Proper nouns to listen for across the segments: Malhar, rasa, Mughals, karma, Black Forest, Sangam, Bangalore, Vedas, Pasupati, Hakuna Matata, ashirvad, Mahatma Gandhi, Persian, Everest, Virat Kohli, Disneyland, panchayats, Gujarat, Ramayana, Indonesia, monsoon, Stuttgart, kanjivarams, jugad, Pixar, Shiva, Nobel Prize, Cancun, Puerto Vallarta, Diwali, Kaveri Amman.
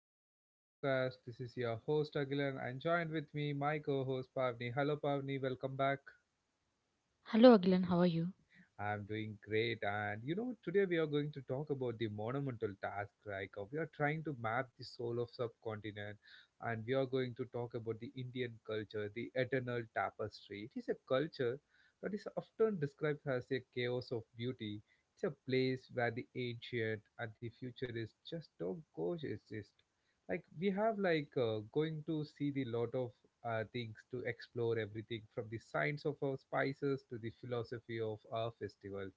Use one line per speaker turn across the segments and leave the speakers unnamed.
episode of podcast. This is your host Agilan and joined with me my co-host Pavni. Hello Pavni, welcome back.
Hello Agilan. How are you?
I'm doing great and you know today we are going to talk about the monumental task like we are trying to map the soul of subcontinent and we are going to talk about the Indian culture, the eternal tapestry. It is a culture that is often described as a chaos of beauty. It's a place where the ancient and the futurist just don't coexist like we have like going to see the lot of things to explore everything from the science of our spices to the philosophy of our festival.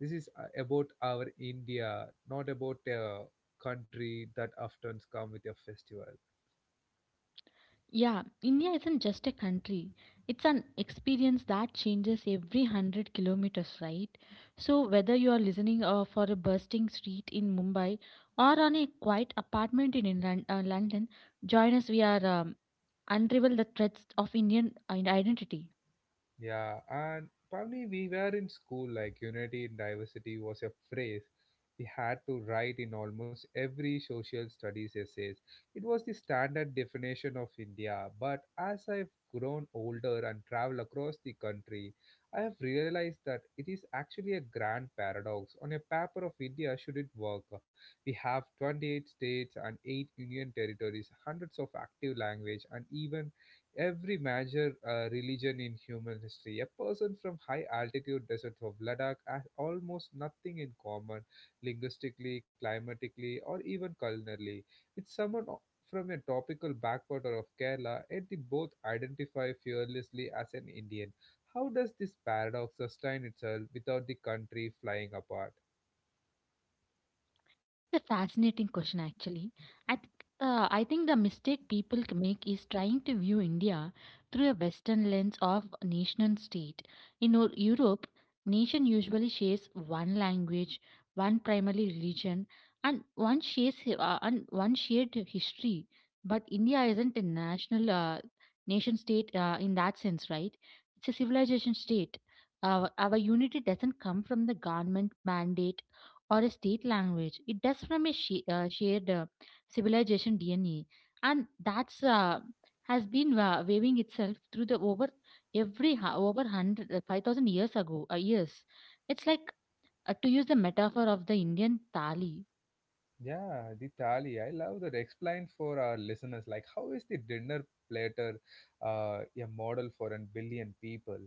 This is about our india, not about a country that often come with a festival.
Yeah, India isn't just a country. It's an experience that changes every 100 kilometers, right? So, whether you are listening for a bursting street in Mumbai or on a quiet apartment in London, join us. We are unravel the threads of Indian identity.
Yeah, and probably we were in school, like unity in diversity was a phrase we had to write in almost every social studies essays. It was the standard definition of India, but as I've grown older and traveled across the country, I have realized that it is actually a grand paradox. On a paper of India, should it work? We have 28 states and 8 union territories, hundreds of active language, and even every major religion in human history. A person from high altitude deserts of Ladakh has almost nothing in common linguistically, climatically, or even culinarily with from a tropical backwater of Kerala, yet they both identify fearlessly as an Indian. How does this paradox sustain itself without the country flying apart?
It's a fascinating question, actually. I think I think the mistake people make is trying to view India through a Western lens of nation state. In Europe, nation usually shares one language, one primary religion, and one shared history. But India isn't a nation state in that sense, right? It's a civilization state. Our unity doesn't come from the government mandate or a state language. It does from a shared civilization DNA, and that's has been waving itself through the over every hu- over hundred 5,000 years ago years. It's like To use the metaphor of the Indian tali.
Yeah, the thali. I love that. Explain for our listeners, like how is the dinner platter a model for a billion people?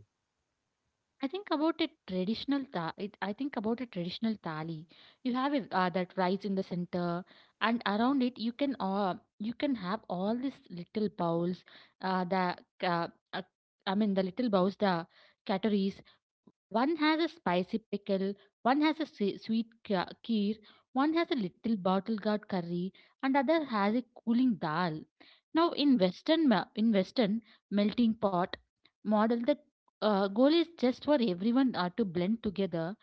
I think about a traditional thali. You have that rice in the center, and around it you can have all these little bowls. The uh, uh, I mean The little bowls, the catteries, one has a spicy pickle, one has a sweet kheer, one has a little bottle gourd curry, and other has a cooling dal. Now in Western melting pot model, the goal is just for everyone to blend together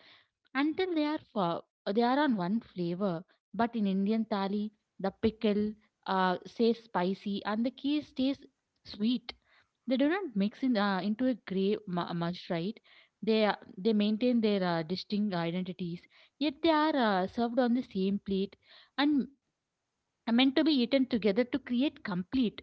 until they are on one flavor. But in Indian thali, the pickle stays spicy and the kheer stays sweet. They do not mix in into a grey much, right? They maintain their distinct identities, yet they are served on the same plate and are meant to be eaten together to create complete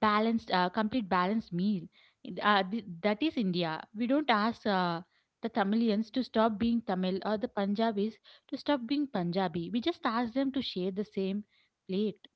balanced uh, complete balanced meal. That is India. We don't ask the Tamilians to stop being Tamil or the Punjabis to stop being Punjabi. We just ask them to share the same plate.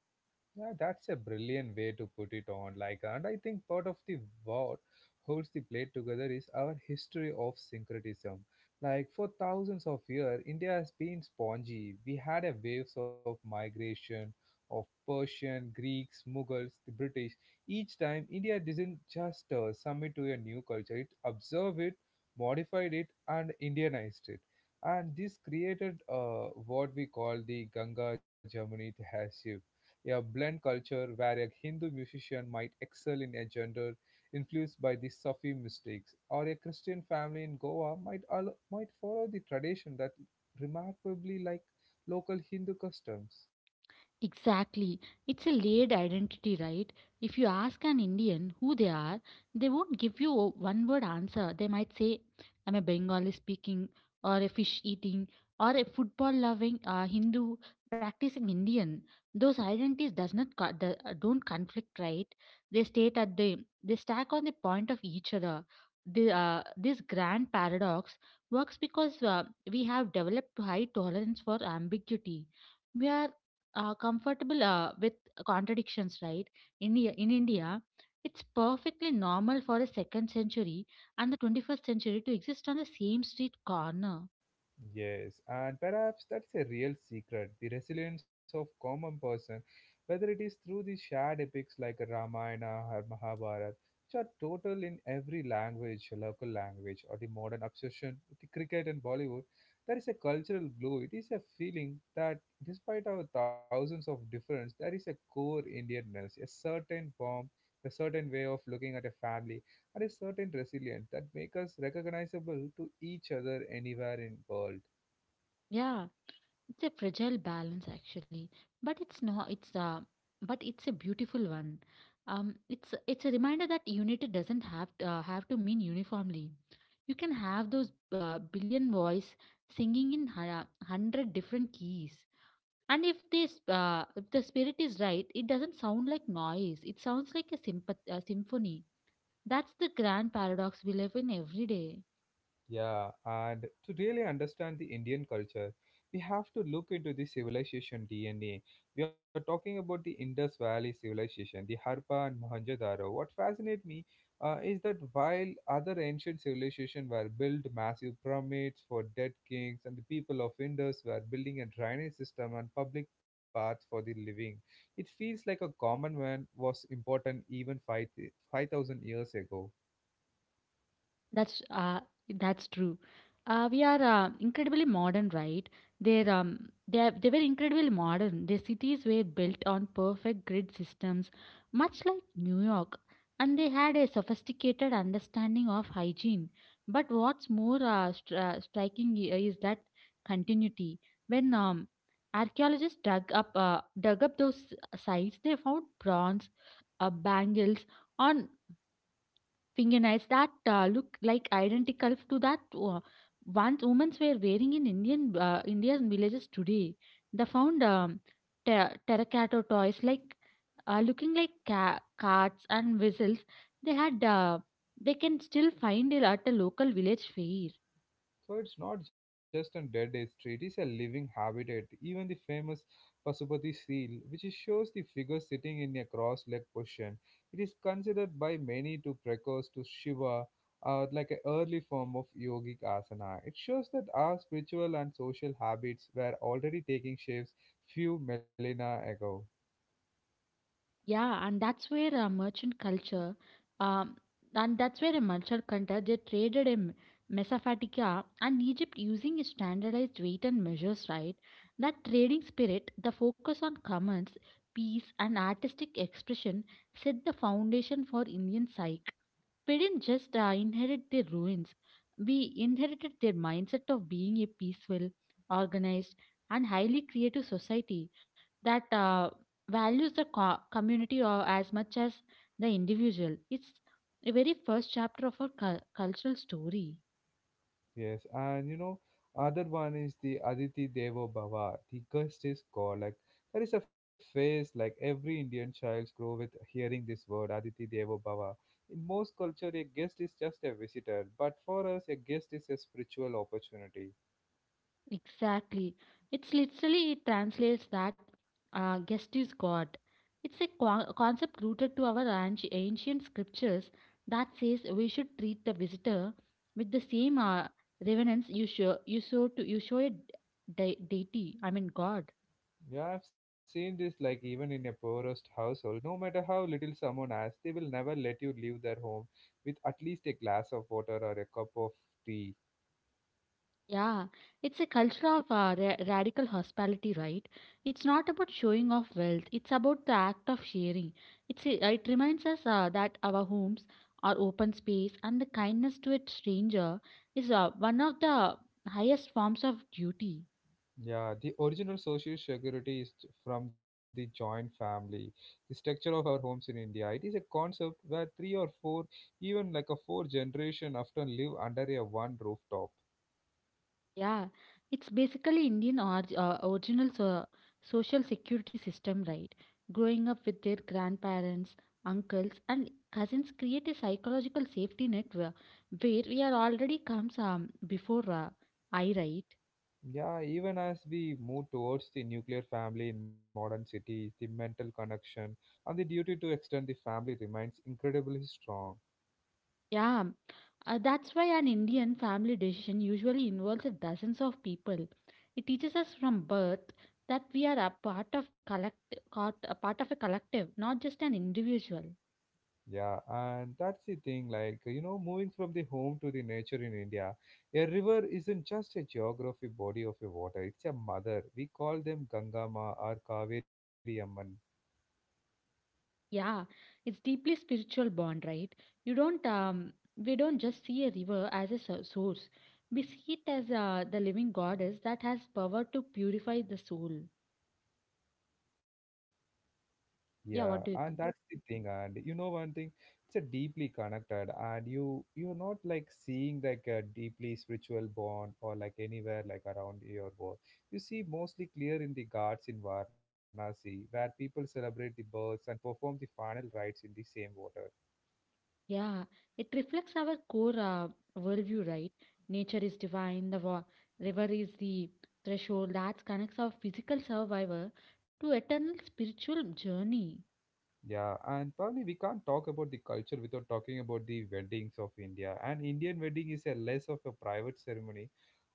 Yeah, that's a brilliant way to put it on. Like, and I think part of the what holds the plate together is our history of syncretism. Like for thousands of years, India has been spongy. We had a waves of migration of Persian, Greeks, Mughals, the British. Each time, India didn't just submit to a new culture; it observed it, modified it, and Indianized it. And this created what we call the Ganga Jamuni Tehsil, a blend culture where a Hindu musician might excel in a genre influenced by the Sufi mystics, or a Christian family in Goa might, might follow the tradition that remarkably like local Hindu customs.
Exactly. It's a layered identity, right? If you ask an Indian who they are, they won't give you a one word answer. They might say, I'm a Bengali speaking, or a fish eating, or a football loving Hindu practicing Indian. Those identities does not co- do- don't conflict, right? They state at the they stack on the point of each other. This grand paradox works because we have developed high tolerance for ambiguity. We are comfortable with contradictions, right? In India, it's perfectly normal for the second century and the 21st century to exist on the same street corner.
Yes, and perhaps that's a real secret the resilience of common person, whether it is through the shared epics like Ramayana or Mahabharata, which are total in every language, local language, or the modern obsession with the cricket and Bollywood. There is a cultural glue. It is a feeling that, despite our thousands of difference, there is a core Indianness, a certain form, a certain way of looking at a family, and a certain resilience that make us recognizable to each other anywhere in world.
Yeah, it's a fragile balance actually, but it's not. It's but it's a beautiful one. It's a reminder that unity doesn't have to mean uniformly. You can have those billion voice singing in hundred different keys. And if the spirit is right, it doesn't sound like noise. It sounds like a symphony. That's the grand paradox we live in every day.
Yeah, and to really understand the Indian culture, we have to look into the civilization DNA. We are talking about the Indus Valley civilization, the Harpa and Mohenjo-daro. What fascinates me is that while other ancient civilizations were built massive pyramids for dead kings, and the people of Indus were building a drainage system and public paths for the living, it feels like a common man was important even 5 5,000 years ago.
That's uh, that's true. We are incredibly modern, right? They were incredibly modern. Their cities were built on perfect grid systems, much like New York, and they had a sophisticated understanding of hygiene. But what's more striking is that continuity. When archaeologists dug up those sites, they found bronze, bangles on fingernails that look like identical to that uh, once women were wearing in Indian villages today. They found terracotta toys like looking like carts and whistles. They had uh, they can still find it at a local village fair.
So it's not just a dead day street, it's a living habitat. Even the famous Pasupati seal, which shows the figure sitting in a cross legged position, it is considered by many to precursor to Shiva, like an early form of yogic asana. It shows that our spiritual and social habits were already taking shapes few millennia ago.
Yeah, and that's where merchant culture, um, and that's where a merchant culture they traded in Mesopotamia and Egypt using standardized weight and measures, right? That trading spirit, the focus on commerce, peace, and artistic expression set the foundation for Indian psyche. We didn't just inherit their ruins, we inherited their mindset of being a peaceful, organized, and highly creative society that values the community or as much as the individual. It's a very first chapter of our cultural story.
Yes, and you know, other one is the Aditi Devo Bhava, the goddess god. Like that is a phase like every Indian child grow with hearing this word Aditi Devo Bhava. In most culture, a guest is just a visitor, but for us, a guest is a spiritual opportunity.
Exactly. It's literally it translates that guest is God. It's a concept rooted to our ancient scriptures that says we should treat the visitor with the same reverence you show a deity. I mean God.
Yeah, I've seen this like even in a poorest household. No matter how little someone has, they will never let you leave their home with at least a glass of water or a cup of tea.
Yeah, it's a culture of radical hospitality, right? It's not about showing off wealth, it's about the act of sharing. It reminds us that our homes, our open space, and the kindness to a stranger is one of the highest forms of duty.
Yeah, the original social security is from the joint family. The structure of our homes in India, it is a concept where three or four, even like a four generation often live under a one rooftop.
Yeah, it's basically Indian original social security system, right? Growing up with their grandparents, uncles, and cousins create a psychological safety net where we are already comes before I right.
Yeah, even as we move towards the nuclear family in modern cities, the mental connection and the duty to extend the family remains incredibly strong.
Yeah, that's why an Indian family decision usually involves a dozens of people. It teaches us from birth that we are a part of a collective, not just an individual.
Yeah, and that's the thing, like, you know, moving from the home to the nature in India, a river isn't just a geography body of a water, it's a mother. We call them Gangama or Kaveri Amman.
Yeah, it's deeply spiritual bond, right? You don't We don't just see a river as a source. We see it as the living goddess that has power to purify the soul.
Yeah,
Yeah,
and
what do you
that's the
think?
thing. And you know one thing, it's a deeply connected, and you're not like seeing like a deeply spiritual bond or like anywhere like around your world. You see mostly clear in the Ghats in Varanasi, where people celebrate the births and perform the final rites in the same water.
Yeah, it reflects our core worldview, right? Nature is divine, the river is the threshold that connects our physical survivor to eternal spiritual journey.
Yeah, and probably we can't talk about the culture without talking about the weddings of India. And Indian wedding is a less of a private ceremony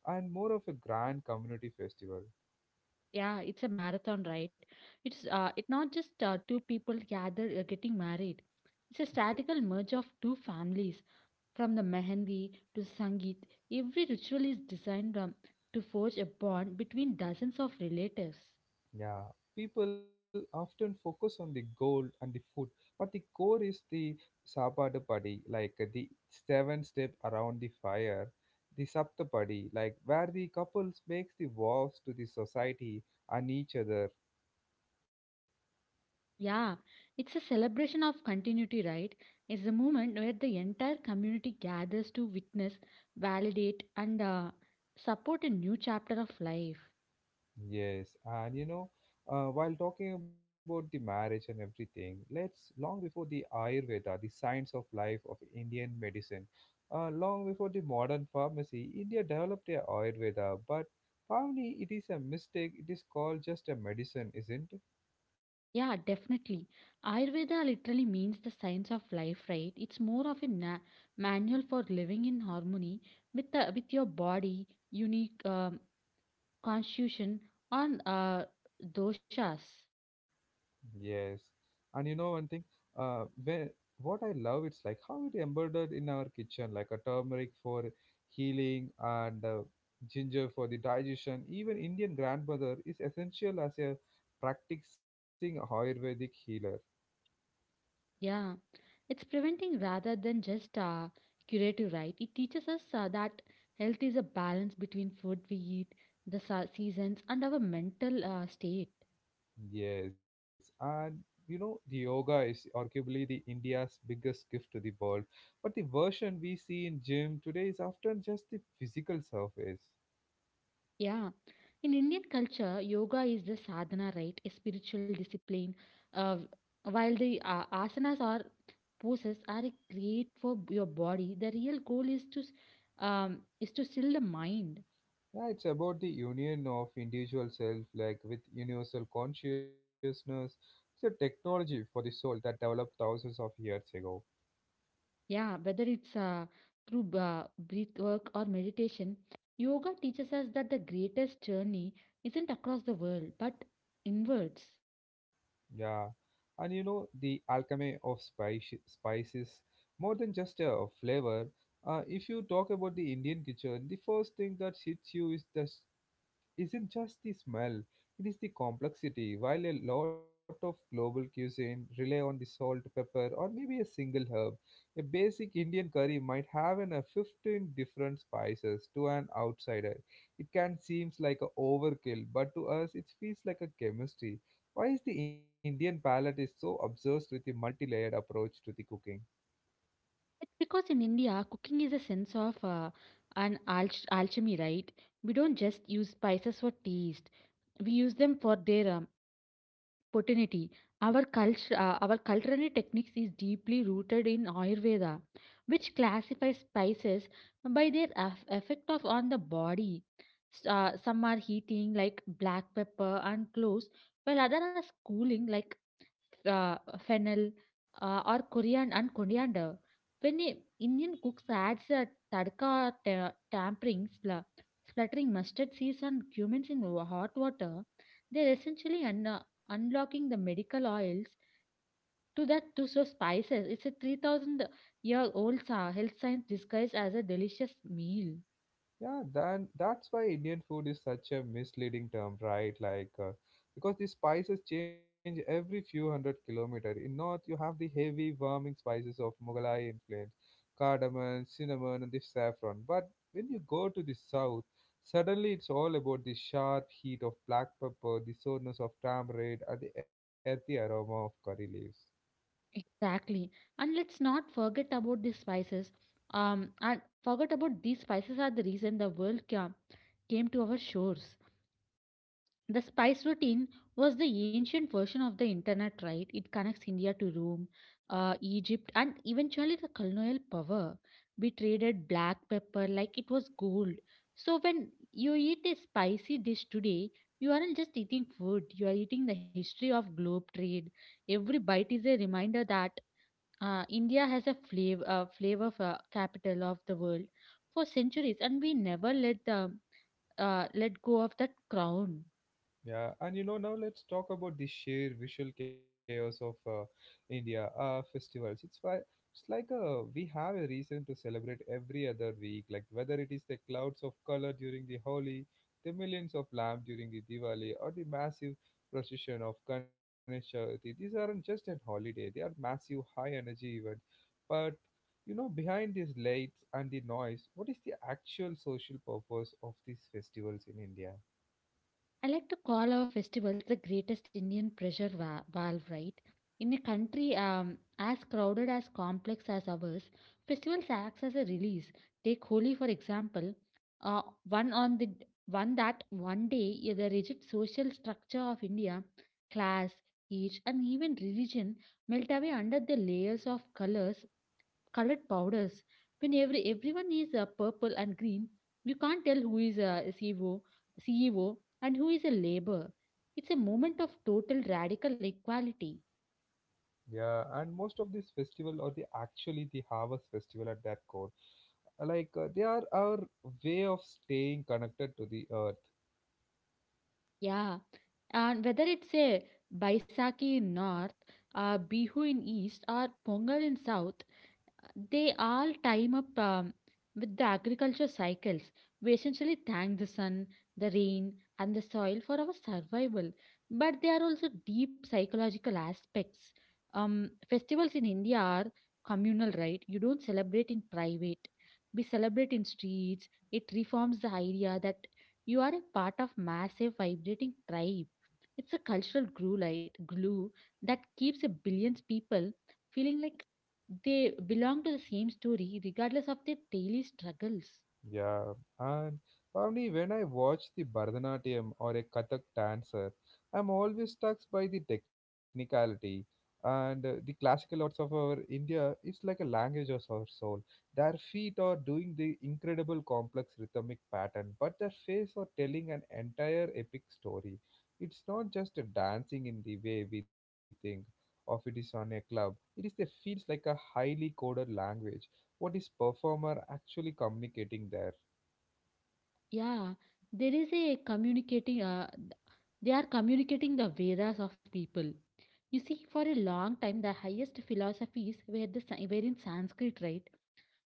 and more of a grand community festival.
Yeah, it's a marathon, right? It not just two people gather getting married. It's a
Yes.
statical merge of two families. From the mehendi to sangeet, every ritual is designed to forge a bond between dozens of relatives.
Yeah, people often focus on the gold and the food, but the core is the sapadu, like the seven step around the fire, the saptapadi, like where the couples makes the vows to the society and each other.
Yeah, it's a celebration of continuity, right? It's the moment where the entire community gathers to witness, validate, and support a new chapter of life.
Yes, and you know, while talking about the marriage and everything, let's long before the Ayurveda, the science of life of Indian medicine, long before the modern pharmacy, India developed a Ayurveda, but probably it is a mistake. It is called just a medicine, isn't?
Yeah, definitely. Ayurveda literally means the science of life, right? It's more of a manual for living in harmony with the with your body, unique constitution, on doshas.
Yes, and you know one thing, when what I love it's like how it embroidered in our kitchen, like a turmeric for healing and ginger for the digestion. Even Indian grandmother is essential as a practicing Ayurvedic healer.
Yeah, it's preventing rather than just curative, right? It teaches us that health is a balance between food we eat, the seasons, and our mental state.
Yes, and you know the yoga is arguably the India's biggest gift to the world, but the version we see in gym today is often just the physical surface.
Yeah. In Indian culture, yoga is the sadhana, right? A spiritual discipline. Uh, while the asanas or poses are a great for your body, the real goal is to still the mind.
Yeah, it's about the union of individual self, like with universal consciousness. It's a technology for the soul that developed thousands of years ago.
Yeah, whether it's through breath work or meditation, yoga teaches us that the greatest journey isn't across the world but inwards.
Yeah, and you know the alchemy of spices, more than just a flavor. If you talk about the Indian kitchen, the first thing that hits you is the isn't just the smell, it is the complexity. While a lot of global cuisine rely on the salt, pepper, or maybe a single herb, a basic Indian curry might have a 15 different spices to an outsider. It can seem like a overkill, but to us it feels like a chemistry. Why is the Indian palate is so obsessed with the multi-layered approach to the cooking?
It's because in India, cooking is a sense of an alchemy, right? We don't just use spices for taste; we use them for their potency. Our culinary techniques is deeply rooted in Ayurveda, which classifies spices by their effect of on the body. Some are heating, like black pepper and cloves, while others are cooling, like uh, fennel or coriander and coriander. When a Indian cooks adds a tadka tampering, spluttering mustard seeds and cumin in hot water, they're essentially unlocking the medical oils to that to so spices. It's a 3000-year-old health science disguised as a delicious meal.
Yeah, then that's why Indian food is such a misleading term, right? Like, because the spices change every few hundred kilometers. In North, you have the heavy, warming spices of Mughalai influence, cardamom, cinnamon, and the saffron. But when you go to the South, suddenly it's all about the sharp heat of black pepper, the soreness of tamarind, and the earthy aroma of curry leaves.
Exactly. And let's not forget about these spices. And forget about these spices are the reason the world came to our shores. The spice routine was the ancient version of the internet, right? It connects India to Rome, Egypt, and eventually the colonial power. We traded black pepper like it was gold. So when you eat a spicy dish today, you aren't just eating food, you are eating the history of globe trade. Every bite is a reminder that India has a flavor capital of the world for centuries, and we never let go of that crown.
Yeah, and you know, now let's talk about the sheer visual chaos of India festivals. It's why it's like we have a reason to celebrate every other week, like whether it is the clouds of color during the Holi, the millions of lamps during the Diwali, or the massive procession of Ganesh Chaturthi. These aren't just a holiday; they are massive, high-energy events. But you know, behind these lights and the noise, what is the actual social purpose of these festivals in India?
I like to call our festivals the greatest Indian pressure valve, right? In a country as crowded as complex as ours, festivals acts as a release. Take Holi for example, uh, one on the one that one day, yeah, the rigid social structure of India, class, age, and even religion melt away under the layers of colors colored powders. When everyone is purple and green, you can't tell who is a CEO and who is a labor. It's a moment of total radical equality.
Yeah, and most of this festival are the actually the harvest festival at that core. Like they are our way of staying connected to the earth.
Yeah, and whether it's a Baisakhi in north, Bihu in east, or Pongal in south, they all time up with the agriculture cycles. We essentially thank the sun, the rain, and the soil for our survival. But there are also deep psychological aspects. Festivals in India are communal, right? You don't celebrate in private. We celebrate in streets. It reforms the idea that you are a part of massive vibrating tribe. It's a cultural glue, light glue that keeps a billions people feeling like they belong to the same story regardless of their daily struggles.
Yeah, and probably when I watch the Bharatanatyam or a Kathak dancer, I'm always struck by the technicality and the classical arts of our India is like a language of our soul. Their feet are doing the incredible complex rhythmic pattern, but their face are telling an entire epic story. It's not just a dancing in the way we think of it is on a club. It is the feels like a highly coded language. What is performer actually communicating there?
Yeah, there is a communicating, they are communicating the Vedas of people. You see, for a long time, the highest philosophies were were in Sanskrit, right?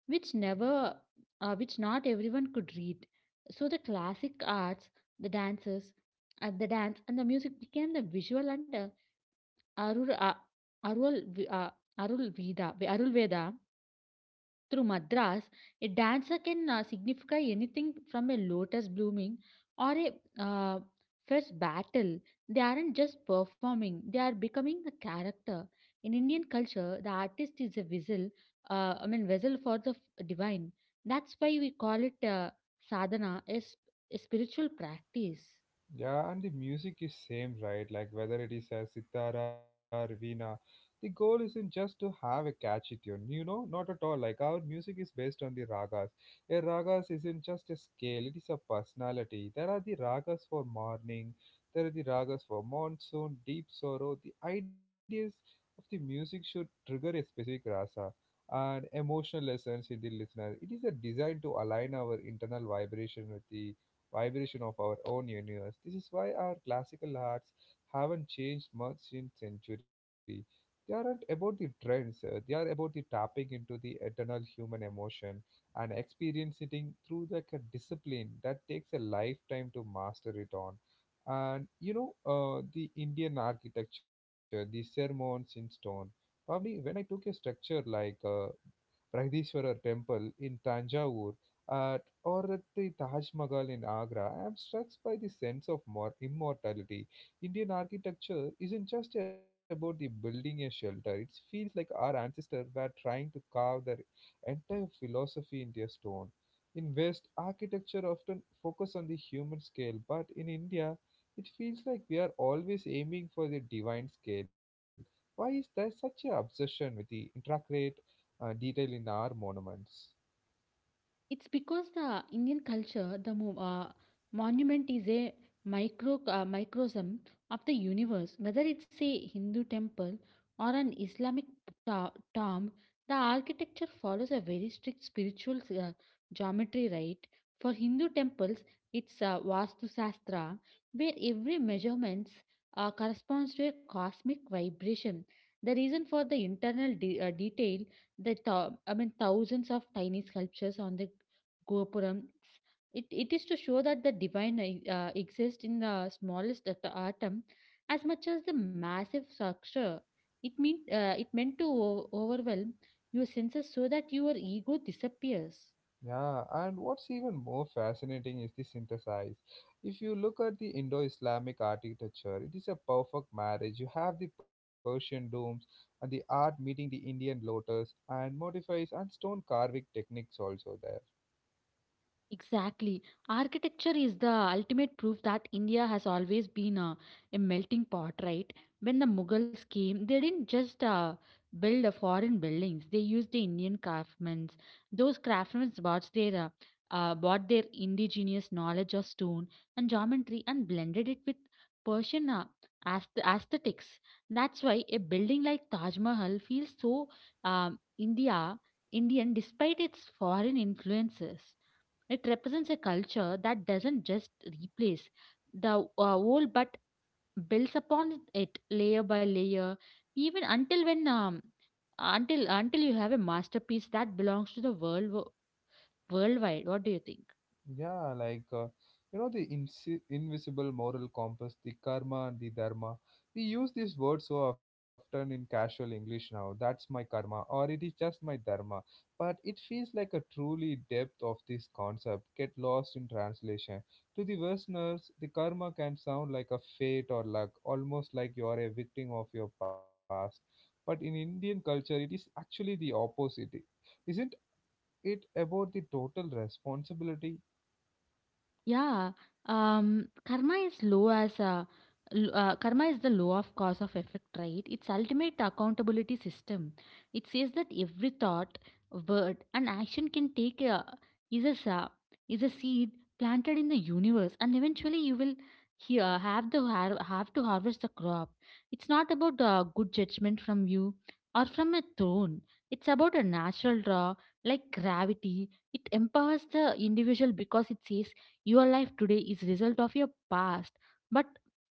Which never, which not everyone could read. So the classic arts, the dances, and the dance and the music became the visual and Arul uh, Arul uh, Arul Veda Arul Veda. Through Madras, a dancer can signify anything from a lotus blooming or a uh, fierce battle. They aren't just performing, they are becoming the character. In Indian culture, the artist is a vessel, I mean, vessel for the divine. That's why we call it sadhana, a spiritual practice.
Yeah, and the music is same, right? Like whether it is a sitara or veena, the goal isn't just to have a catchy tune. You know, not at all. Like our music is based on the ragas. A ragas isn't just a scale; it is a personality. There are the ragas for morning. There are the ragas for monsoon, deep sorrow. The ideas of the music should trigger a specific rasa and emotional lessons in the listener. It is a design to align our internal vibration with the vibration of our own universe. This is why our classical arts haven't changed much since century. They aren't about the trends, they are about the tapping into the eternal human emotion and experiencing through like a discipline that takes a lifetime to master it on. And you know, the Indian architecture, the sermons in stone. Probably when I took a structure like Brahadishwarar temple in Tanjavur, uh, or at the Taj Mahal in Agra, I am struck by the sense of more immortality. Indian architecture isn't just about the building a shelter. It feels like our ancestors were trying to carve their entire philosophy into a stone. In West, architecture often focus on the human scale, but in India, it feels like we are always aiming for the divine scale. Why is there such an obsession with the intricate detail in our monuments?
It's because the Indian culture, the monument is a microcosm of the universe. Whether it's a Hindu temple or an Islamic tomb, the architecture follows a very strict spiritual geometry, right? For Hindu temples, it's Vastu Shastra, where every measurements corresponds to a cosmic vibration. The reason for the internal detail the I mean thousands of tiny sculptures on the Gopuram. It is to show that the divine exists in the smallest atom as much as the massive structure. It meant to overwhelm your senses so that your ego disappears.
Yeah, and what's even more fascinating is the synthesize. If you look at the Indo Islamic architecture, it is a perfect marriage. You have the Persian domes and the art meeting the Indian lotus and modifies and stone carving techniques also there.
Exactly. Architecture is the ultimate proof that India has always been a melting pot, right? When the Mughals came, they didn't just build foreign buildings, they used the Indian craftsmen. Those craftsmen brought brought their indigenous knowledge of stone and geometry and blended it with Persian aesthetics. That's why a building like Taj Mahal feels so um, India, Indian despite its foreign influences. It represents a culture that doesn't just replace the old but builds upon it layer by layer, even until you have a masterpiece that belongs to the worldwide. What do you think?
Yeah, like you know the insi invisible moral compass, the karma, the dharma. We use these words so often in casual English now. That's my karma, or it is just my dharma. But it feels like a truly depth of this concept get lost in translation. To the Westerners, the karma can sound like a fate or luck, almost like you are a victim of your past. But in Indian culture, it is actually the opposite. Isn't it about the total responsibility?
Yeah, karma is low as a karma is the law of cause of effect, right? It's ultimate accountability system. It says that every thought, word, and action can take a is is a seed planted in the universe, and eventually you will here have have to harvest the crop. It's not about good judgment from you or from a throne. It's about a natural draw like gravity. It empowers the individual because it says your life today is result of your past, but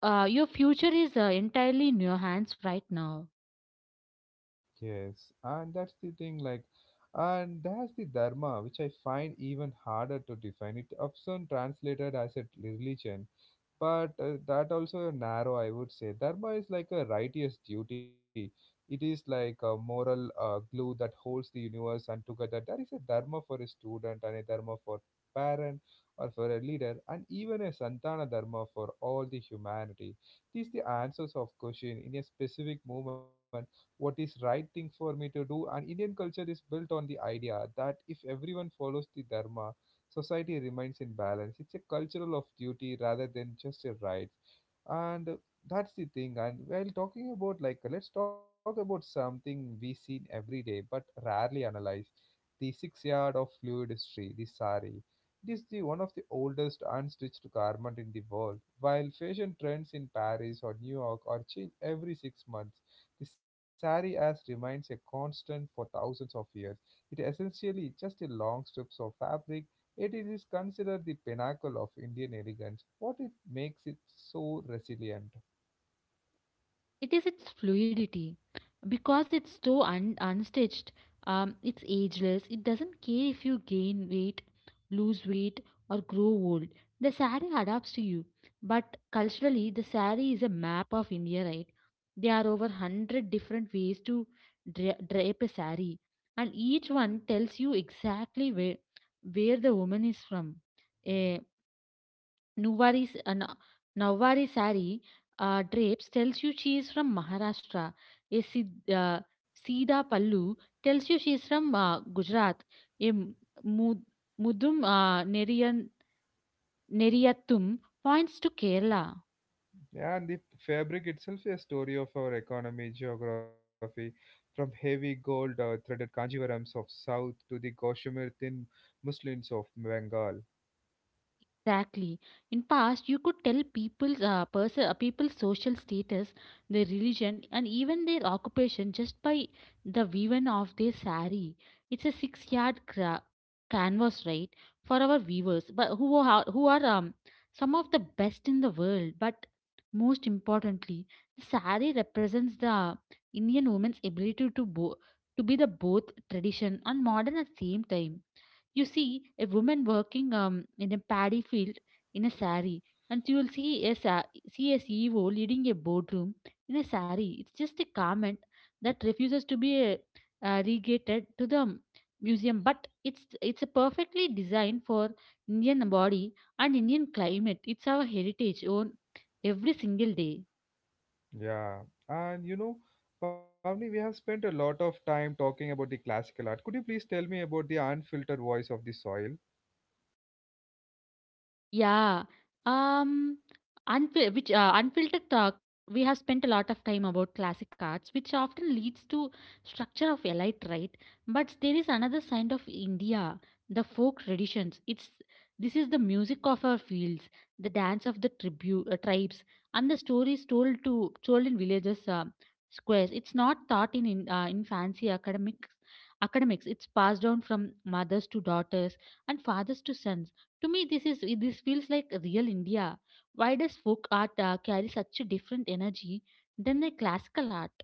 your future is entirely in your hands right now.
Yes, and that's the thing, like, and that's the dharma, which I find even harder to define. It often translated as a religion, but that also narrow. I would say dharma is like a righteous duty. It is like a moral glue that holds the universe and together. There is a dharma for a student and a dharma for parent, or for a leader, and even a santana dharma for all the humanity. These the answers of question in a specific moment, what is right thing for me to do. And Indian culture is built on the idea that if everyone follows the dharma, society remains in balance. It's a cultural of duty rather than just a right. And that's the thing. And while talking about like, let's talk about something we see every day but rarely analyze the 6 yard of fluid history, the sari. It is the one of the oldest unstitched garment in the world. While fashion trends in Paris or New York are changed every 6 months, the sari as remains a constant for thousands of years. It essentially just a long strips of fabric. It is considered the pinnacle of Indian elegance. What it makes it so resilient?
It is its fluidity. Because it's so unstitched, it's ageless. It doesn't care if you gain weight, lose weight, or grow old. The sari adapts to you. But culturally, the sari is a map of India, right? There are over 100 different ways to drape a sari, and each one tells you exactly where the woman is from. Nuwari's uh, Na- Nawari sari drapes tells you she is from Maharashtra. A Sida Pallu tells you she is from Gujarat. A Mud- Mudum Neriyathum points to Kerala.
Yeah, and the fabric itself is a story of our economy, geography, from heavy gold threaded kanjivarams of south to the Kashmir thin muslins of Bengal.
Exactly. In past, you could tell people's social status, their religion, and even their occupation just by the weaving of their sari. It's a six-yard canvas, right, for our viewers, but who are some of the best in the world. But most importantly, the sari represents the Indian woman's ability to to be the both tradition and modern at the same time. You see a woman working in a paddy field in a sari, and you will see see a CEO leading a boardroom in a sari. It's just a garment that refuses to be regated to the museum, but it's a perfectly designed for Indian body and Indian climate. It's our heritage on every single day.
Yeah, and you know, Pavni, we have spent a lot of time talking about the classical art. Could you please tell me about the unfiltered voice of the soil?
Yeah. Um, unfiltered talk, we have spent a lot of time about classic arts, which often leads to structure of elite, right? But there is another side of India, the folk traditions. It's this is the music of our fields, the dance of the tribu tribes, and the stories told in villages, squares. It's not taught in fancy academics. Academics. It's passed down from mothers to daughters and fathers to sons to me, this feels like real India. Why does folk art carry such a different energy than the classical art?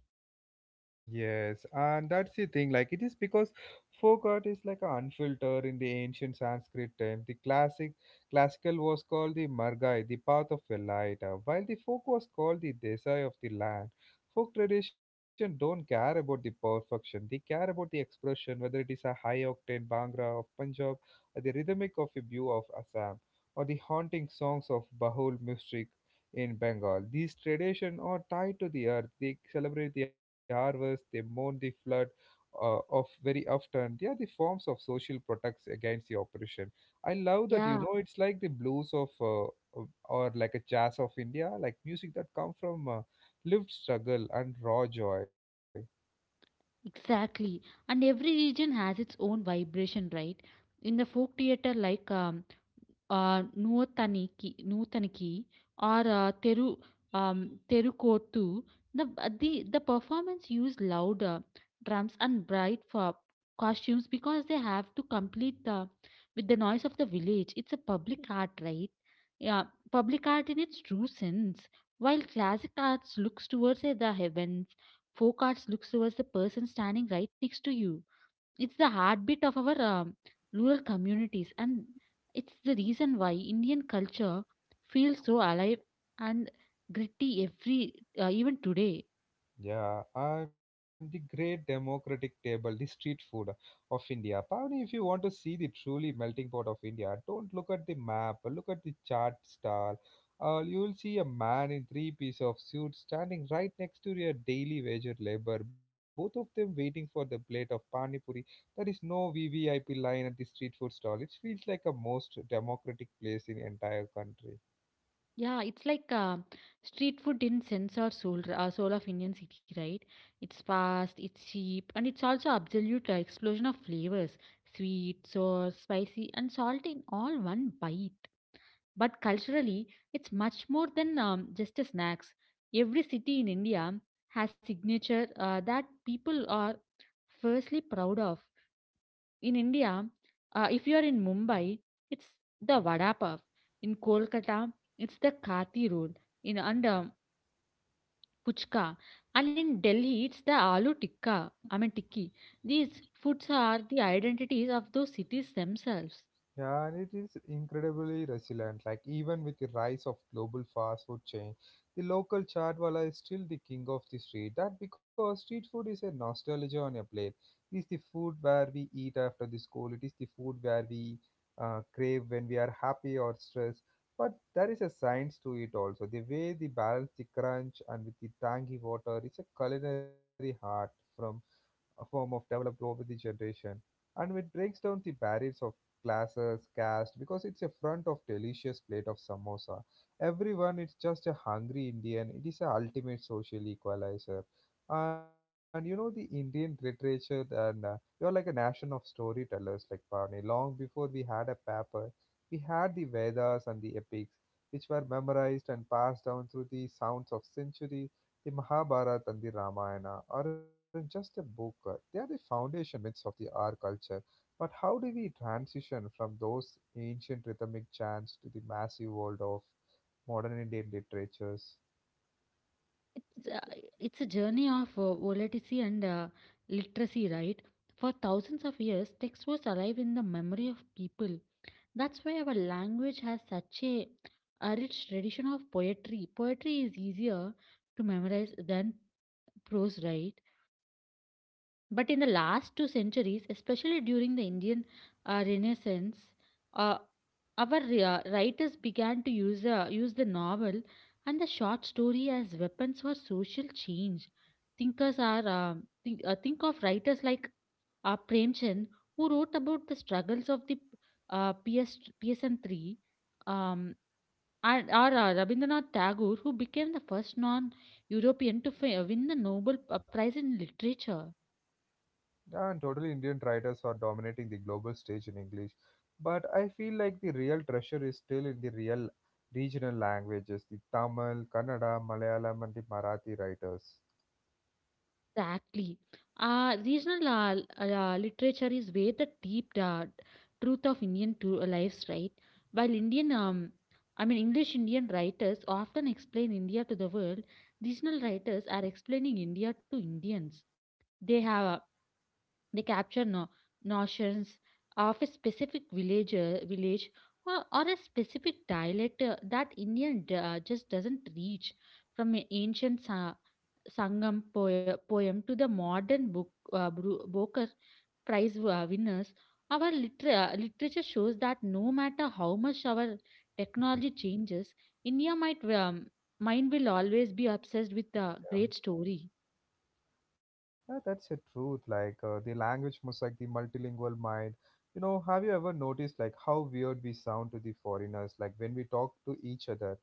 Yes, and that's the thing. Like it is because folk art is like an unfiltered in the ancient Sanskrit time. The classical was called the Margai, the path of the light, while the folk was called the Desai of the land. Folk tradition don't care about the perfection. They care about the expression, whether it is a high octane Bhangra of Punjab, or the rhythmic of a view of Assam, or the haunting songs of Bahul music in Bengal. These traditions are tied to the earth. They celebrate the harvest, they mourn the flood of very often. They are the forms of social protects against the oppression. I love that, you
Yeah,
know, it's like the blues of, or like a jazz of India, like music that come from lived struggle and raw joy.
exactly. And every region has its own vibration, right? In the folk theater, like ah நூத்தனிக்கி నూతనికి or Theru um, Therukoothu the the performance use louder drums and bright for costumes because they have to complete the with the noise of the village. It's a public art, right? Yeah. Public art in its true sense, while classic arts looks towards the heavens, folk arts looks towards the person standing right next to you. It's the heartbeat of our rural communities, and it's the reason why Indian culture feels so alive and gritty every even today.
Yeah, and the great democratic table, the street food of India. Pavni, if you want to see the truly melting pot of India, don't look at the map, look at the chart star. You will see a man in three piece of suit standing right next to your daily wager labor, both of them waiting for the plate of pani puri. There is no VVIP line at the street food stall. It feels like a most democratic place in the entire country.
Yeah, it's like street food in sense or soul, soul of Indian city, right? It's fast, it's cheap, and it's also absolute explosion of flavors: sweet, sour, spicy, and salty in all one bite. But culturally, it's much more than just a snacks. Every city in India has signature that people are firstly proud of. In India, if you are in Mumbai, it's the vada pav. In Kolkata, it's the kati roll. In and puchka, and in Delhi, it's the aloo tikka. I mean tikki. These foods are the identities of those cities themselves.
Yeah, and it is incredibly resilient. Like even with the rise of global fast food chain, the local chaatwala is still the king of the street. That because street food is a nostalgia on a plate. It is the food where we eat after the school. It is the food where we crave when we are happy or stressed. But there is a science to it also. The way they balance the crunch and with the tangy water is a culinary art from a form of developed over the generation. And it breaks down the barriers of classes caste, because it's a front of delicious plate of samosa. Everyone is just a hungry Indian. It is a ultimate social equalizer. And you know the Indian literature, and you're like a nation of storytellers, like Parne. Long before we had a paper, we had the Vedas and the epics, which were memorized and passed down through the sounds of centuries. The Mahabharata and the Ramayana aren't just a book, they are the foundation myths of the our culture. But how do we transition from those ancient rhythmic chants to the massive world of modern Indian literatures?
It's uh, it's a journey of volatility and literacy, right? For thousands of years, text was alive in the memory of people. That's why our language has such a rich tradition of poetry. Poetry is easier to memorize than prose, right? But in the last two centuries, especially during the Indian Renaissance, uh, our writers began to use the novel and the short story as weapons for social change. Thinkers are uh, think of writers like Premchand, who wrote about the struggles of the PS PSN three, um, and or Rabindranath Tagore, who became the first non-European to win the Nobel Prize in Literature.
Yeah, and totally Indian writers are dominating the global stage in English. But I feel like the real treasure is still in the real regional languages, the Tamil, Kannada, Malayalam and the Marathi writers.
Exactly. Regional literature is where the deep truth of Indian lives, right? While I mean, English Indian writers often explain India to the world, regional writers are explaining India to Indians. They have uh, they capture notions of a specific village or a specific dialect that Indian just doesn't reach from an ancient Sangam poem to the modern book, Booker Prize winners. Our literature shows that no matter how much our
Yeah.
technology changes, India might mind will always be obsessed with a great story.
Yeah, that's the truth. Like the language mosaic, the multilingual mind. You know, have you ever noticed like how weird we sound to the foreigners? Like when we talk to each other,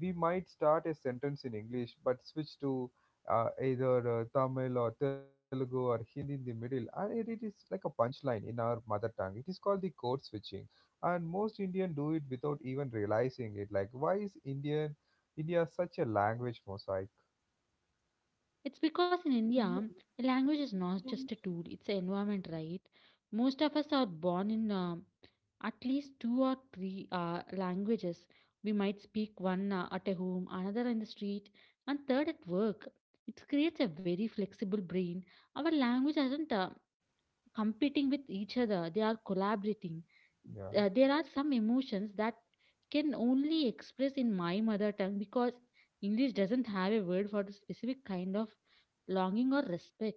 we might start a sentence in English but switch to either Tamil or Telugu or Hindi in the middle, and it is like a punchline in our mother tongue. It is called the code switching, and most Indian do it without even realizing it. Like why is India such a language mosaic?
It's because in India, a language is not just a tool, it's an environment, right? Most of us are born in at least two or three languages. We might speak one at a home, another in the street, and third at work. It creates a very flexible brain. Our language hasn't competing with each other, they are collaborating.
Yeah.
There are some emotions that can only express in my mother tongue because English doesn't have a word for the specific kind of longing or respect.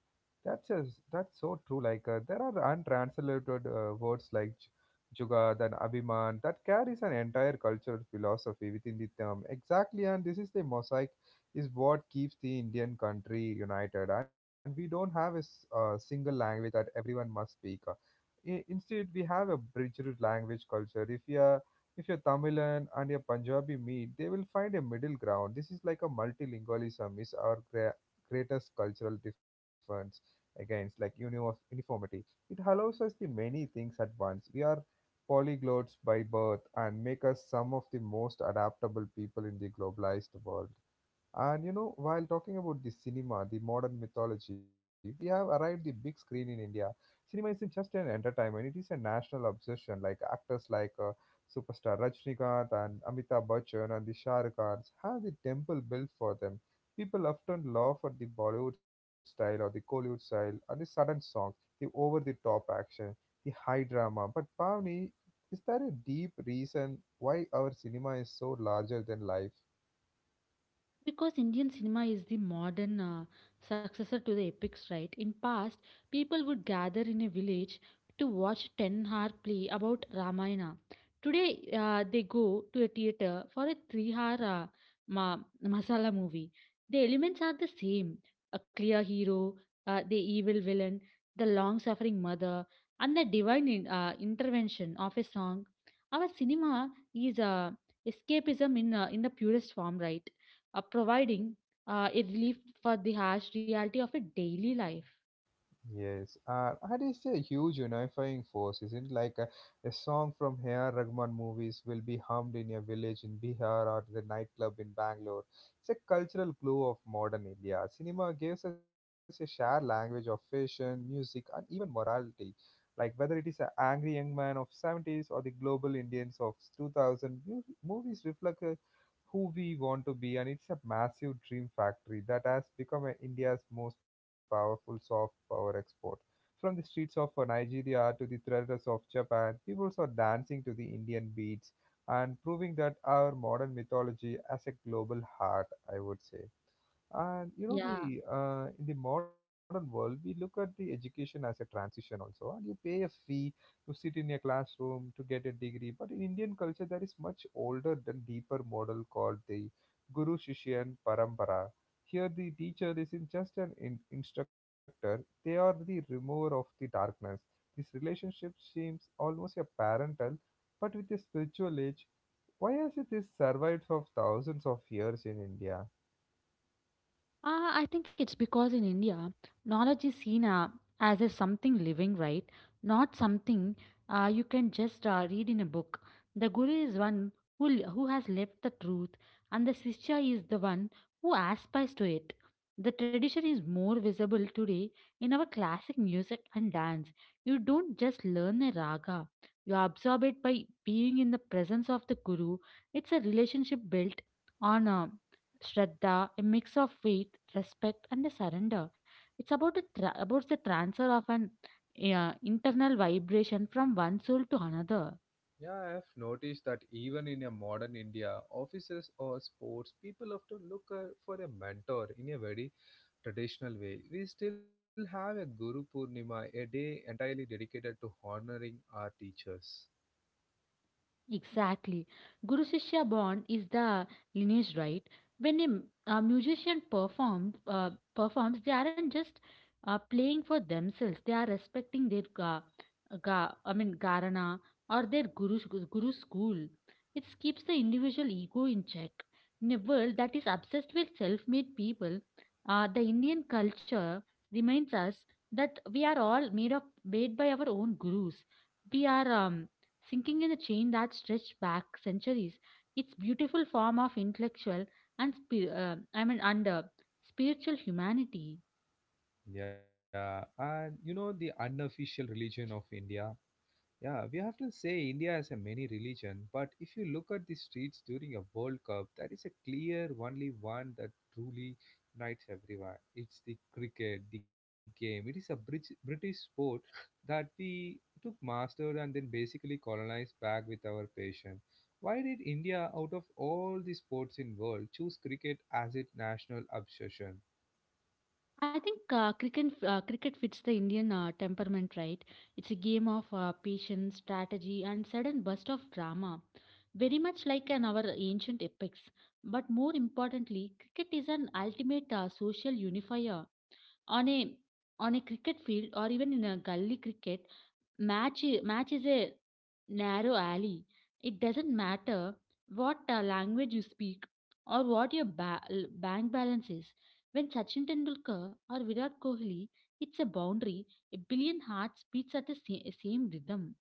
That's so true. Like there are untranslated words like jugad and abhiman that carries an entire cultural philosophy within the term. Exactly, and this is the mosaic is what keeps the Indian country united. And we don't have a single language that everyone must speak. Instead we have a bridged language culture if you're Tamilan and your Punjabi meet, they will find a middle ground. This is like a multilingualism is our greatest cultural difference against like uniformity. It allows us the many things at once. We are polyglots by birth and make us some of the most adaptable people in the globalized world. And you know, while talking about the cinema, the modern mythology, we have arrived the big screen in India. Cinema isn't just an entertainment; it is a national obsession. Like actors like superstar Rajnikanth and Amitabh Bachchan and the Shah Rukh Khans have the temple built for them. People often laugh at the Bollywood style or the Kollywood style and the sudden songs, the over-the-top action, the high drama. But Pavni, is there a deep reason why our cinema is so larger than life?
Because Indian cinema is the modern successor to the epics, right? In past, people would gather in a village to watch 10-hour play about Ramayana. Today, they go to a theater for a 3-hour ma- masala movie. The elements are the same. A clear hero, the evil villain, the long-suffering mother, and the divine intervention of a song. Our cinema is escapism in the purest form, right? Providing a relief for the harsh reality of a daily life.
Yes, art is a huge unifying force, isn't it? Like a song from H.R. Rahman movies will be hummed in a village in Bihar or the nightclub in Bangalore. It's a cultural glue of modern India. Cinema gives us a shared language of fashion, music, and even morality. Like whether it is an angry young man of 70s or the global Indians of 2000, movies reflect who we want to be, and it's a massive dream factory that has become India's most powerful soft power export. From the streets of Nigeria to the theaters of Japan, people are dancing to the Indian beats and proving that our modern mythology has a global heart, I would say. And you know
Yeah.
the in the modern world, we look at the education as a transition also, and you pay a fee to sit in a classroom to get a degree. But in Indian culture, there is much older than deeper model called the Guru Shishyan Parampara. Here, the teacher isn't just an instructor; they are the remover of the darkness. This relationship seems almost a parental, but with a spiritual edge. Why has it this survived for thousands of years in India?
I think it's because in India, knowledge is seen as a something living, right? Not something you can just read in a book. The guru is one who, who has left the truth, and the shishya is the one who aspires to it. The tradition is more visible today in our classic music and dance. You don't just learn a raga, you absorb it by being in the presence of the guru. It's a relationship built on Shraddha, a mix of faith, respect, and a surrender. It's about about the transfer of an internal vibration from one soul to another.
Yeah, I have noticed that even in a modern India, offices or sports, people often look for a mentor in a very traditional way. We still have a Guru Purnima, a day entirely dedicated to honoring our teachers.
Exactly. Guru Shishya bond is the lineage, right? When a musician performs, they aren't just playing for themselves. They are respecting their gharana or their guru, guru school. It keeps the individual ego in check. In a world that is obsessed with self-made people, the Indian culture reminds us that we are all made by our own gurus. We are Sinking in a chain that stretched back centuries, its beautiful form of intellectual and spi- I mean under spiritual humanity.
Yeah, and you know the unofficial religion of India. Yeah, we often say India has a many religion, but if you look at the streets during a World Cup, there is a clear only one that truly unites everyone. It's the cricket, the game. It is a British sport that we took mastered and then basically colonized back with our passion. Why did India, out of all the sports in world, choose cricket as its national obsession?
I think cricket fits the Indian temperament, right. It's a game of patience, strategy, and sudden burst of drama, very much like an our ancient epics. But more importantly, cricket is an ultimate social unifier. On a on a cricket field or even in a gully cricket, match is a narrow alley. It doesn't matter what language you speak or what your bank balance is. When Sachin Tendulkar or Virat Kohli hits a boundary, a billion hearts beats at the same rhythm.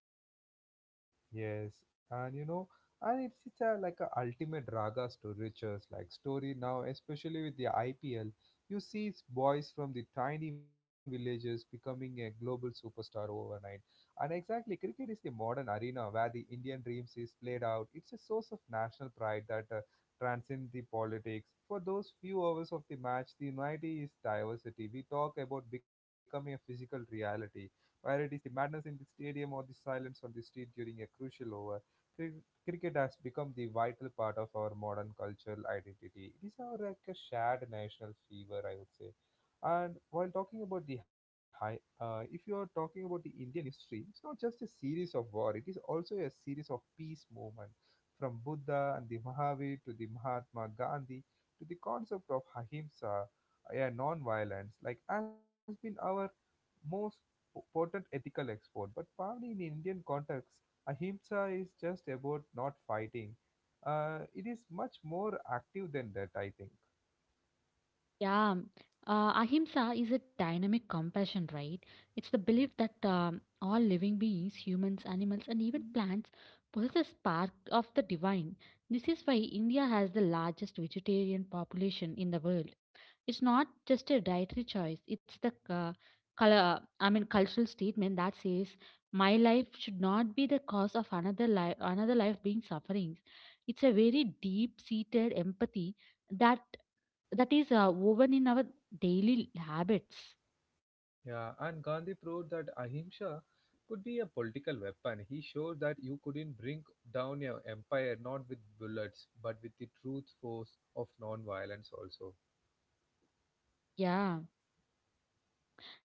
Yes, and you know, it's like a ultimate ragas to riches like story now, especially with the IPL. You see boys from the tiny villages becoming a global superstar overnight. And exactly, cricket is the modern arena where the Indian dreams is played out. It's a source of national pride that transcends the politics. For those few hours of the match, the unity is diversity. We talk about becoming a physical reality whether it is the madness in the stadium or the silence on the street during a crucial over. cri- Cricket has become the vital part of our modern cultural identity. It is our like a shared national fever, I would say. And while talking about the high, if you are talking about the Indian history, it's not just a series of war. It is also a series of peace movement, from Buddha and the Mahavir to the Mahatma Gandhi, to the concept of ahimsa, yeah, non-violence, like has been our most potent ethical export, but probably in Indian context, ahimsa is just about not fighting. It is much more active than that, I think.
Yeah, um, Ahimsa is a dynamic compassion, right? It's the belief that all living beings, humans, animals, and even plants, possess a spark of the divine. This is why India has the largest vegetarian population in the world. It's not just a dietary choice, it's the cultural statement that says, my life should not be the cause of another life being suffering. It's a very deep seated empathy that that is woven in our daily habits.
Yeah, and Gandhi proved that ahimsa could be a political weapon. He showed that you couldn't bring down your empire not with bullets but with the truth force of non-violence also.
Yeah.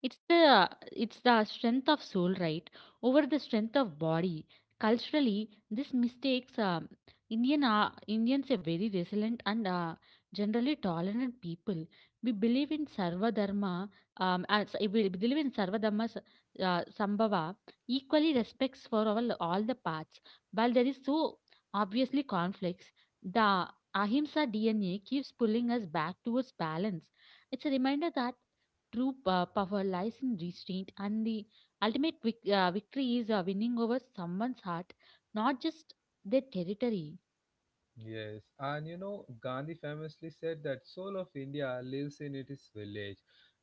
It's the it's the strength of soul, right? Over the strength of body. Culturally, this mistakes Indian are Indians are very resilient and generally tolerant people. We believe in Sarva Dharma. As we believe in Sarva Dharma s- Sambhava. Equally respects for all the paths. While there is so obviously conflicts, the Ahimsa DNA keeps pulling us back towards balance. It's a reminder that power lies in restraint, and the ultimate victory is winning over someone's heart, not just their territory.
Yes, and you know, Gandhi famously said that soul of India lives in its village.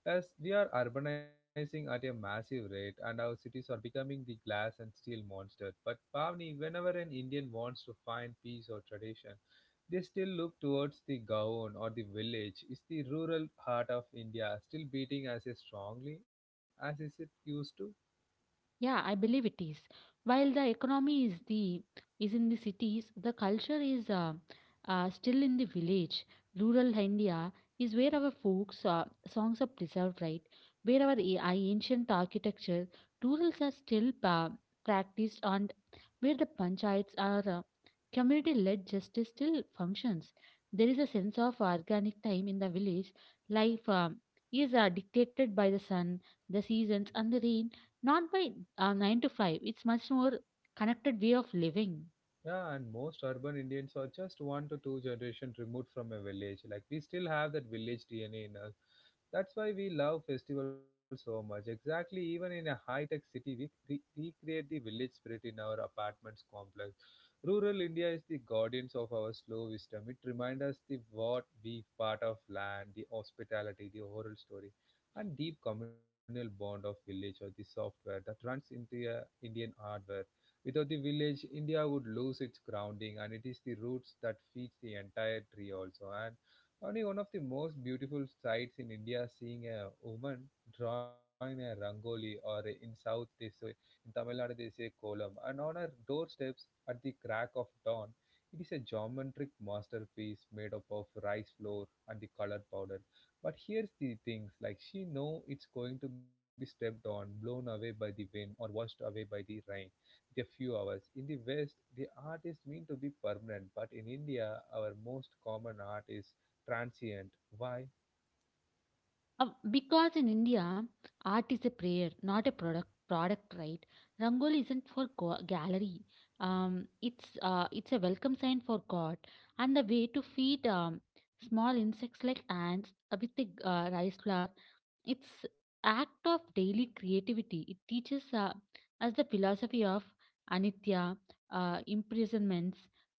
As we are urbanizing at a massive rate and our cities are becoming the glass and steel monster. But Pavni, whenever an Indian wants to find peace or tradition, they still look towards the Gaon or the village. Is the rural heart of India still beating as strongly as is it used to?
Yeah, I believe it is. While the economy is in the cities, the culture is still in the village. Rural India is where our folks songs are preserved, right? Where our ancient architecture, rurals are still practiced, and where the panchayats are community led justice still functions. There is a sense of organic time in the village. Life is dictated by the sun, the seasons, and the rain, not by 9 to 5. It's much more connected way of living.
Yeah, and most urban Indians are just one to two generations removed from a village. Like we still have that village DNA in us. That's why we love festivals so much. Exactly, even in a high-tech city, we recreate the village spirit in our apartments complex. Rural India is the guardians of our slow wisdom. It reminds us the what we part of land, the hospitality, the oral story, and deep communal bond of village or the software that runs into a Indian hardware. Without the village, India would lose its grounding, and it is the roots that feeds the entire tree also. And only one of the most beautiful sights in India seeing a woman drawing a rangoli, or in South they say, in Tamil Nadu they say kolam, and on her doorsteps at the crack of dawn. It is a geometric masterpiece made up of rice flour and the colored powder. But here's the things like she know it's going to be stepped on, blown away by the wind, or washed away by the rain a few hours. In the West, the art is meant to be permanent, but in India, our most common art is transient. Why?
Because in India, art is a prayer, not a product. Product, right? Rangoli isn't for gallery. It's a welcome sign for God and the way to feed small insects like ants with the rice flour. It's act of daily creativity. It teaches us the philosophy of anitya, imprisonments.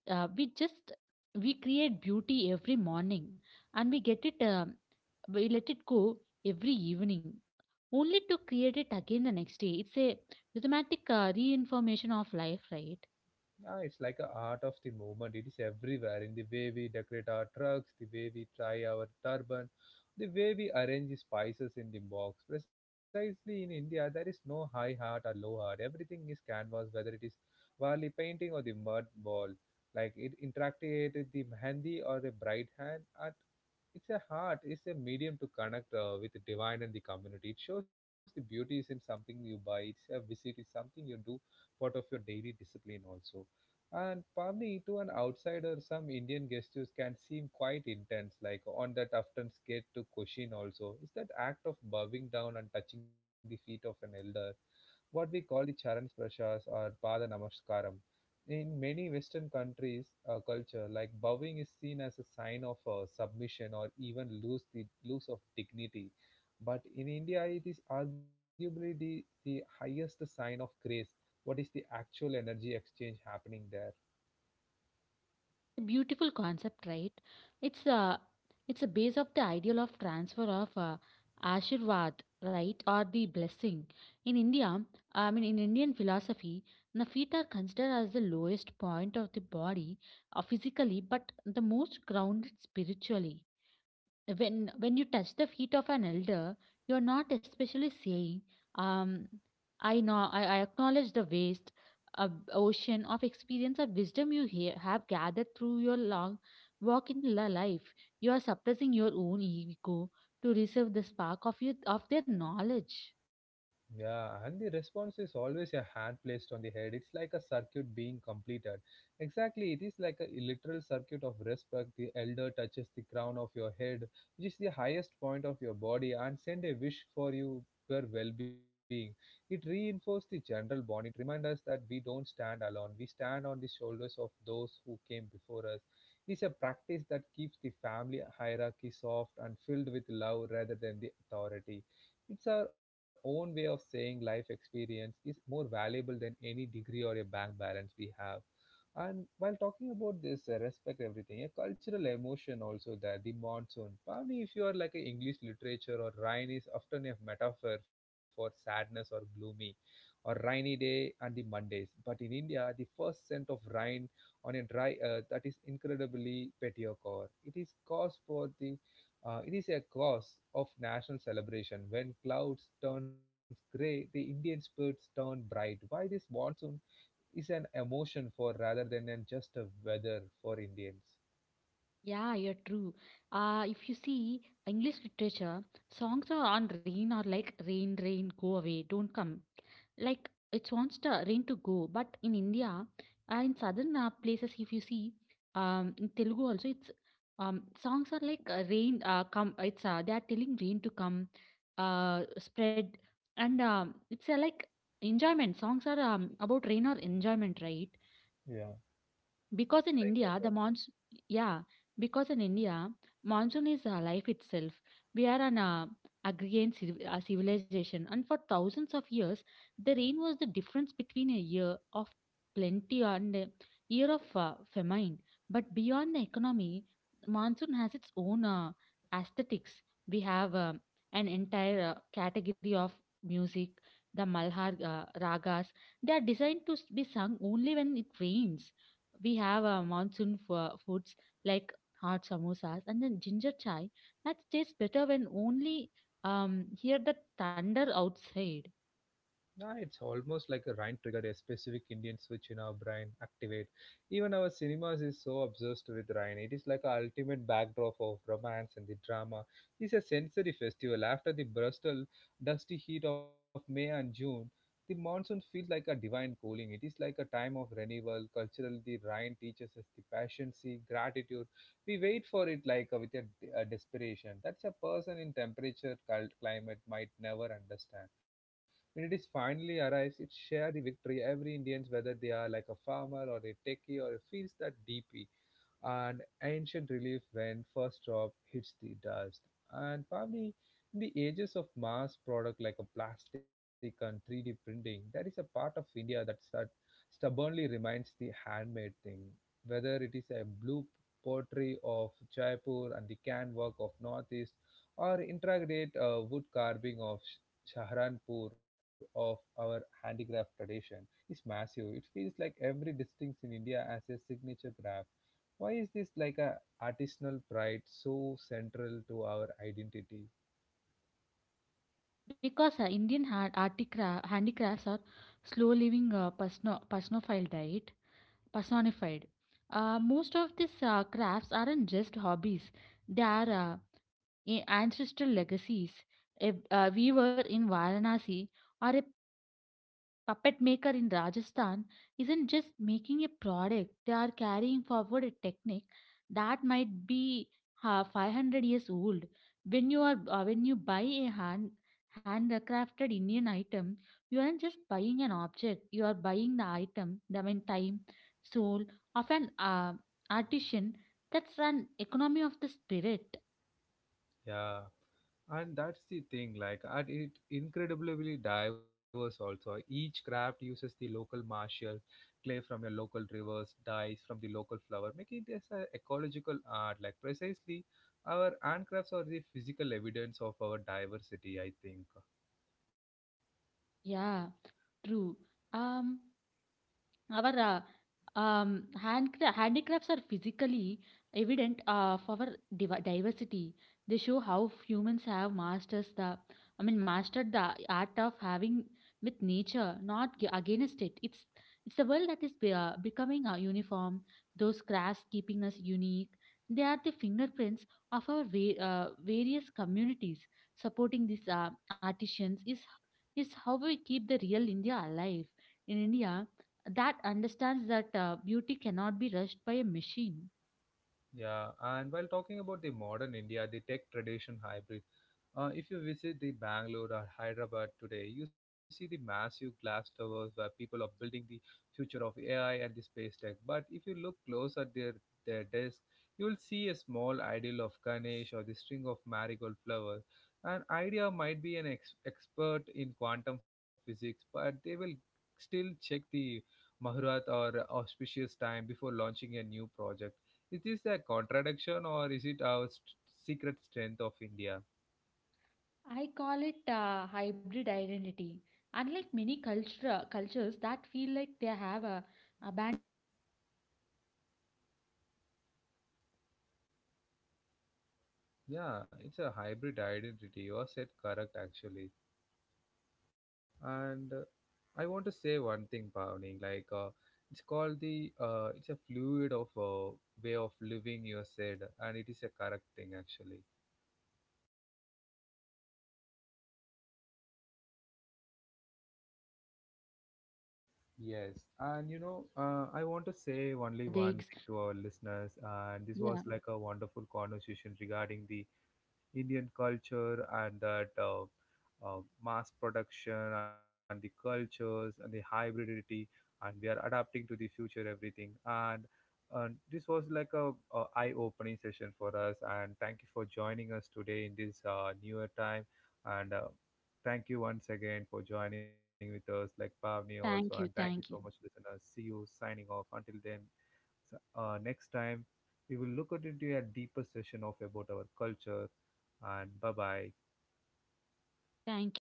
Uh, we just we create beauty every morning, and we get it. We let it go every evening only to create it again the next day. It's a rhythmatic reinformation of life, right?
Yeah, it's like a art of the moment. It is everywhere in the way we decorate our trucks, the way we tie our turban, the way we arrange the spices in the box. Precisely in India, there is no high art or low art. Everything is canvas, whether it is Varli painting or the mud ball. Like it interacted with the mehendi or the bright hand art. It's a heart, it's a medium to connect with the divine and the community. It shows the beauty isn't something you buy, it's a visit, it's something you do part of your daily discipline also. And probably to an outsider, some Indian gestures can seem quite intense, like on that often scared to question also. Is that act of bowing down and touching the feet of an elder what we call the charan sprashas or pada namaskaram. In many Western countries, culture like bowing is seen as a sign of submission or even lose the lose of dignity. But in India, it is arguably the highest sign of grace. What is the actual energy exchange happening there?
A beautiful concept, right? it's a it's a base of the ideal of transfer of ashirvad, right, or the blessing. In India, I mean in Indian philosophy, the feet are considered as the lowest point of the body, physically, but the most grounded spiritually. When you touch the feet of an elder, you're not especially saying, um I know I acknowledge the waste of ocean of experience of wisdom you have gathered through your long walk in life. You are suppressing your own ego to reserve the spark of your of their knowledge.
Yeah, and the response is always a hand placed on the head. It's like a circuit being completed. Exactly, it is like a literal circuit of respect. The elder touches the crown of your head, which is the highest point of your body, and send a wish for you your well-being. It reinforces the general bond. It reminds us that we don't stand alone. We stand on the shoulders of those who came before us. It is a practice that keeps the family hierarchy soft and filled with love rather than the authority. It's our own way of saying life experience is more valuable than any degree or a bank balance we have. And while talking about this, respect everything, a cultural emotion also there, the monsoon. Probably if you are like a English literature or rain is often a metaphor for sadness or gloomy or rainy day and the Mondays. But in India, the first scent of rain on a dry earth that is incredibly petiocor. It is cause for the it is a cause of national celebration. When clouds turn gray, the Indian spirits turn bright. Why this monsoon is an emotion for rather than an just a weather for Indians.
Yeah, you're true. If you see English literature, songs are on rain or like rain, rain, go away, don't come. Like it wants the rain to go. But in India, in southern places, if you see, in Telugu also, it's songs are like rain, come. It's they are telling rain to come, spread, and it's like enjoyment. Songs are about rain or enjoyment, right?
Yeah.
Because
It's
in
like that.
India, the monsoon, yeah, because in India, monsoon is life itself. We are an civilization, and for thousands of years, the rain was the difference between a year of plenty and a year of famine. But beyond the economy, monsoon has its own aesthetics. We have an entire category of music, the Malhar ragas. They are designed to be sung only when it rains. We have foods like hot samosas and then ginger chai that tastes better when only hear the thunder outside.
Yeah, it's almost like a Rhine trigger, a specific Indian switch in our brain activate. Even our cinemas is so obsessed with Rhine. It is like a ultimate backdrop of romance and the drama. It's a sensory festival. After the Bristol dusty heat of May and June, the monsoon feels like a divine cooling. It is like a time of renewal. Culturally, the Rhine teaches us the patience, gratitude. We wait for it like with a desperation. That's a person in temperature, cult climate might never understand. When it is finally arrives, it shares the victory every Indians whether they are like a farmer or a techie or a feels that deeply and ancient relief when first drop hits the dust. And probably in the ages of mass product like a plastic and 3D printing, there is a part of India that stubbornly remains the handmade thing, whether it is a blue pottery of Jaipur and the can work of Northeast or intricate wood carving of Shahranpur of our handicraft tradition is massive. It feels like every distinct in India has a signature craft, why is this like a artisanal pride so central to our identity?
Because handicrafts are slow living personified. Most of these crafts aren't just hobbies; they are ancestral legacies. If we were in Varanasi, or puppet maker in Rajasthan isn't just making a product, they are carrying forward a technique that might be 500 years old. When you are when you buy a handcrafted Indian item, you aren't just buying an object, you are buying the time, soul of an artisan. That's an economy of the spirit.
Yeah, and that's the thing. Like, and it incredibly diverse also. Each craft uses the local martial clay from your local rivers, dyes from the local flower, making this an ecological art. Like precisely, our handcrafts are the physical evidence of our diversity, I think.
Yeah, true. Um Our handicrafts are physically evident of our diversity. They show how humans have masters the, I mean, mastered the art of having with nature, not against it. It's the world that is becoming uniform. Those crafts keeping us unique. They are the fingerprints of our various communities. Supporting these artisans is how we keep the real India alive in India that understands that beauty cannot be rushed by a machine.
Yeah, and while talking about the modern India, the tech tradition hybrid. If you visit the Bangalore or Hyderabad today, you see the massive glass towers where people are building the future of AI and the space tech. But if you look close at their desk, you will see a small idol of Ganesh or the string of marigold flowers. An idea might be an expert in quantum physics, but they will still check the Mahurat or auspicious time before launching a new project. Is this a contradiction or is it our secret strength of India?
I call it hybrid identity. Unlike cultures that feel like they have abandoned the past to become modern, Indians prefer to
Yeah, it's a
upgrade their
hybrid
past.
identity.
We are
You said
incredibly
correct actually.
uncomfortable with,
And
uh,
I want to say one thing, Pavni. It's called the it's a fluid of way of living. You said, and it is a correct thing actually.
yeah, we are incredibly uncomfortable with. We use
Yes,
high
and you
speed
know,
internets to
I want to say
ancient
only one
Vedics.
thing to our listeners, and this
Yeah.
was like a wonderful conversation regarding the Indian culture and that mass production and the cultures and the hybridity, and we are adapting to the future everything. And this was like a eye-opening session for us. And thank you for joining us today in this newer time. And thank you once again for joining with us, like Pavni also. And
Thank
thank
you.
you so much,
Thank you.
listeners. See you signing off. Until then, so, next time, we will look at into a deeper session of about our culture. And bye bye.
Thank you.